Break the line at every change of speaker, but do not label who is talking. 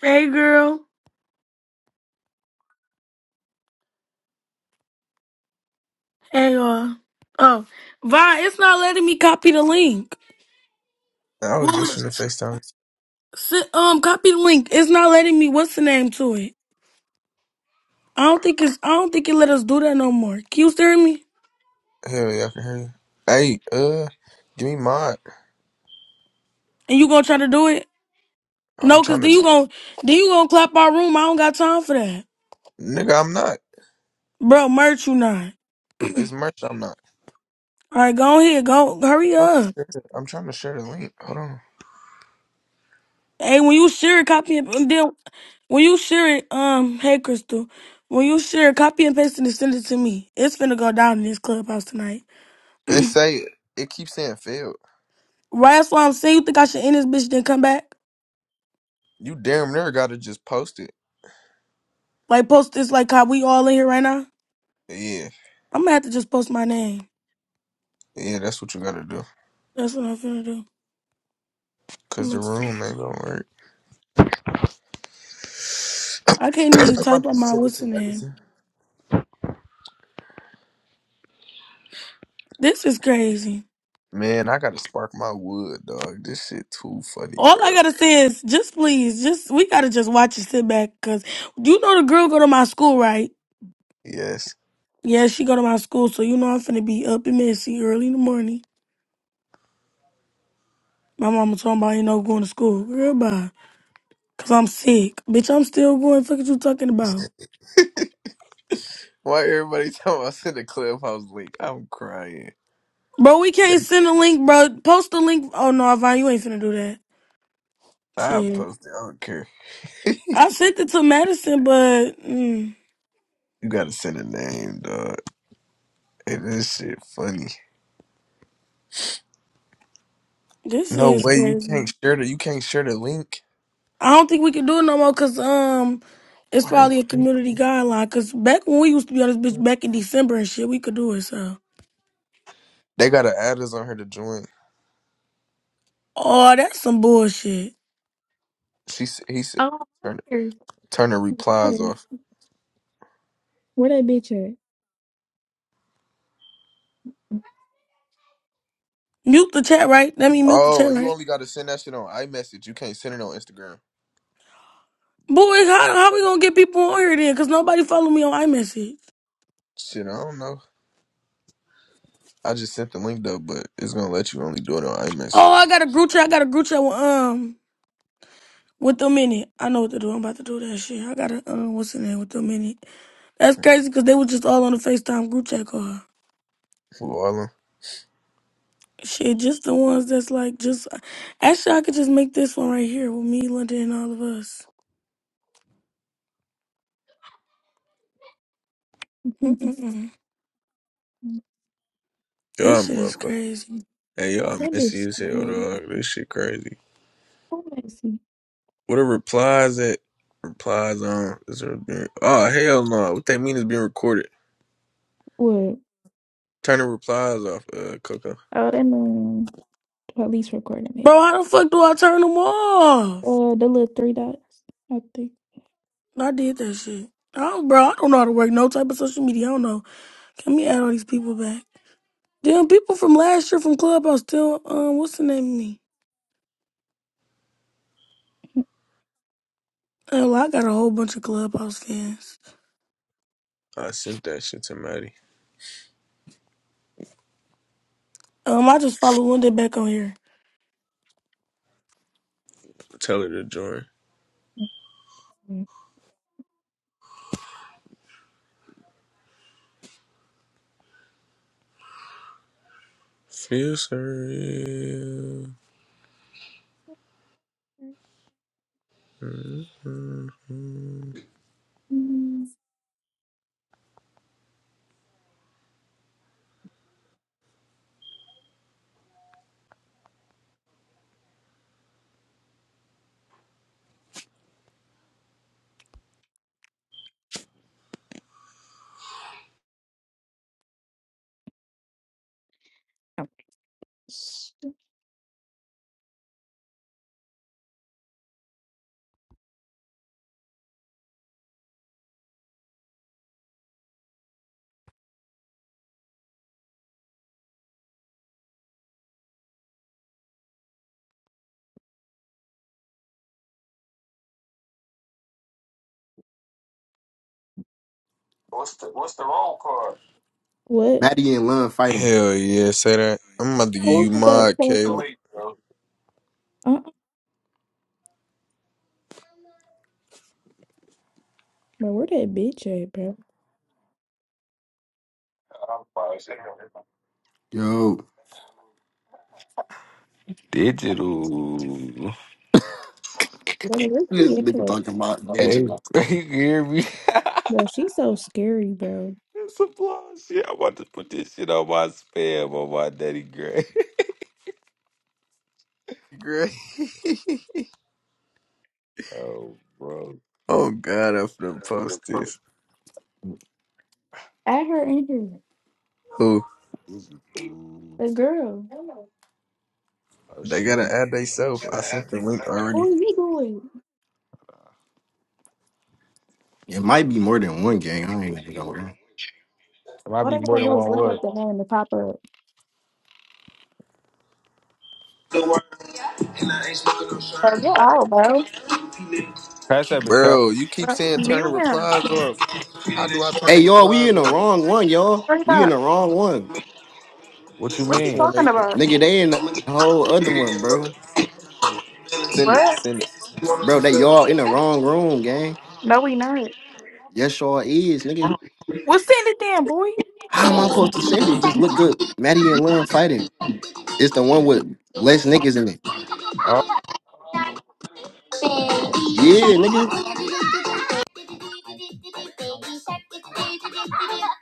Hey girl. Hey uh oh Vi, it's not letting me copy the link.
I was
Well
just
it,
finna FaceTime.
si- um copy the link. It's not letting me what's the name to it. I don't think it's I don't think it let us do that no more. Can you hear me?
Hell yeah, I can hear you. Hey, uh, give me mod.
And you gonna try to do it?
I'm
No, cause
trying
then
to,
you gonna then you gonna clap our room. I don't got time for that.
nigga. I'm not.
Bro, merch you not.
It's merch. I'm not.
Alright, go ahead, go hurry
I'm trying to
up.
share, the- I'm trying to share the link. Hold on.
Hey, when you share it, copy and, and then when you share it, um, hey Crystal, when you share it, copy and paste it and send it to me. It's finna go down in this clubhouse tonight.
They say it keeps saying failed.
Right, that's why I'm saying you think I should end this bitch then come back?
You damn near gotta just post it.
Like post this like how we all in here right now?
Yeah,
I'm gonna have to just post my name.
yeah, that's what you gotta do.
That's what I'm finna do. I'm
Cause the
do-
room ain't gonna work.
I can't even
I'm about
type
to
out my
send it
what's
to
the name.
medicine.
This is crazy.
Man, I gotta spark my wood, dog. This shit too funny,
All I
bro.
gotta say is just please, just we gotta just watch and sit back, cause you know the girl go to my school, right?
Yes.
Yeah, she go to my school, so you know I'm finna be up and messy early in the morning. My mama talking about you know going to school. Girl, bye. Cause I'm sick. Bitch, I'm still going. Fuck what you talking about?
Why everybody talking about send a clubhouse link? I'm crying.
Bro, we
They.
can't send a link, bro. Post the link. Oh no, Avon, you ain't finna do that.
I
Shit.
post it. I don't care.
I sent it to Madison, but mm,
You gotta send a name, dog. Hey, this shit funny.
this
No
is
way. You
crazy.
can't share the. You can't share the link.
I don't think we can do it no more cause um it's
Why they?
probably a
doing
community guideline. Cause back when we used to be on this bitch
that?
back in December and shit, we could do it, so.
They gotta add us on her to join.
Oh, that's some bullshit.
She. s- He said.
Oh,
Turn.
okay.
Turn the replies
where, where,
off.
that bitch at?
Mute the chat, right? Let me mute the
Oh,
chat,
you
right?
only gotta send that shit on iMessage. You can't send it on Instagram.
Boy, how how we gonna get people on here then? Cause nobody follow me on iMessage.
Shit, I don't know. I just sent the link though, but it's gonna let you only do it on
Oh,
iMessage.
I got a group chat. I got a group chat with um with them in it. I know what to do. I'm about to do that shit. I got a um what's the name with them in it. That's crazy because they were just all on the FaceTime group chat call.
Who all them?
Shit, just the ones that's like just. Actually, I could just make this one right here with me, London, and all of us. Mm-mm-mm.
Y'all
This shit is
motherfucker.
crazy,
Hey, y'all
that
messy
bitch
as hell, dog. This shit crazy.
so messy.
What are replies at? Replies on? Is there being, oh hell no! What that mean is being recorded.
What?
Turn the replies off, uh, Coco.
Oh, that man. Well, at least recording it.
bro. How the fuck do I turn them off?
Uh, the little three dots, I think.
I did that shit. I don't, bro, I don't know how to work no type of social media. I don't know. Can we add all these people back? Damn, people from last year from Clubhouse still, um, what's the name of me? Oh, I got a whole bunch of Clubhouse fans.
I sent that shit to Maddie.
Um, I just follow Linda back on here.
Tell her to join.
Mm.
Feel surreal. Mm-hmm.
Oh, What?
Maddie and Lun fighting.
Hell yeah, say that. I'm about to give you
What was that
my
supposed
Caleb.
to- Uh-uh. Bro, where that bitch at, bro?
Yo,
Digital.
Bro, where she at?
Hey, you can hear me?
Bro, she's so scary, bro.
It's some blog shit. i want to put this shit on my spam on my daddy gray.
Great.
Oh, bro.
oh god, I'm finna post this.
At her in here.
Who?
This is- mm.
The girl.
Oh,
They
she
gotta
went.
add theyself.
There
I sent the link
What
already.
are you doing?
it might be more than one gang. I ain't even know.
might
All
be
they
more
gotta
than
do is
one
look at
word.
the name and pop up. Bro, get out, bro.
Pass that bitch, Cal.
Bro, you keep
What?
saying turn the
Mute him.
replies off. How do I turn
Hey,
the
y'all, we
replies
in the
off?
wrong one, y'all.
Hurry
We in
up.
the wrong one.
What you
What's he
Which
mean?
one they
talking
in?
about?
Nigga, they in the whole other one, bro.
Send it.
What?
Send it.
Bro, they y'all in the wrong room, gang.
No, we not.
Yes, y'all is, nigga.
Well, send it then, boy.
How
Baby
am I
What?
supposed to send it? Just look up Maddie and Lun fighting. It's the one with less niggas in it.
Oh.
Yeah, nigga.
shark,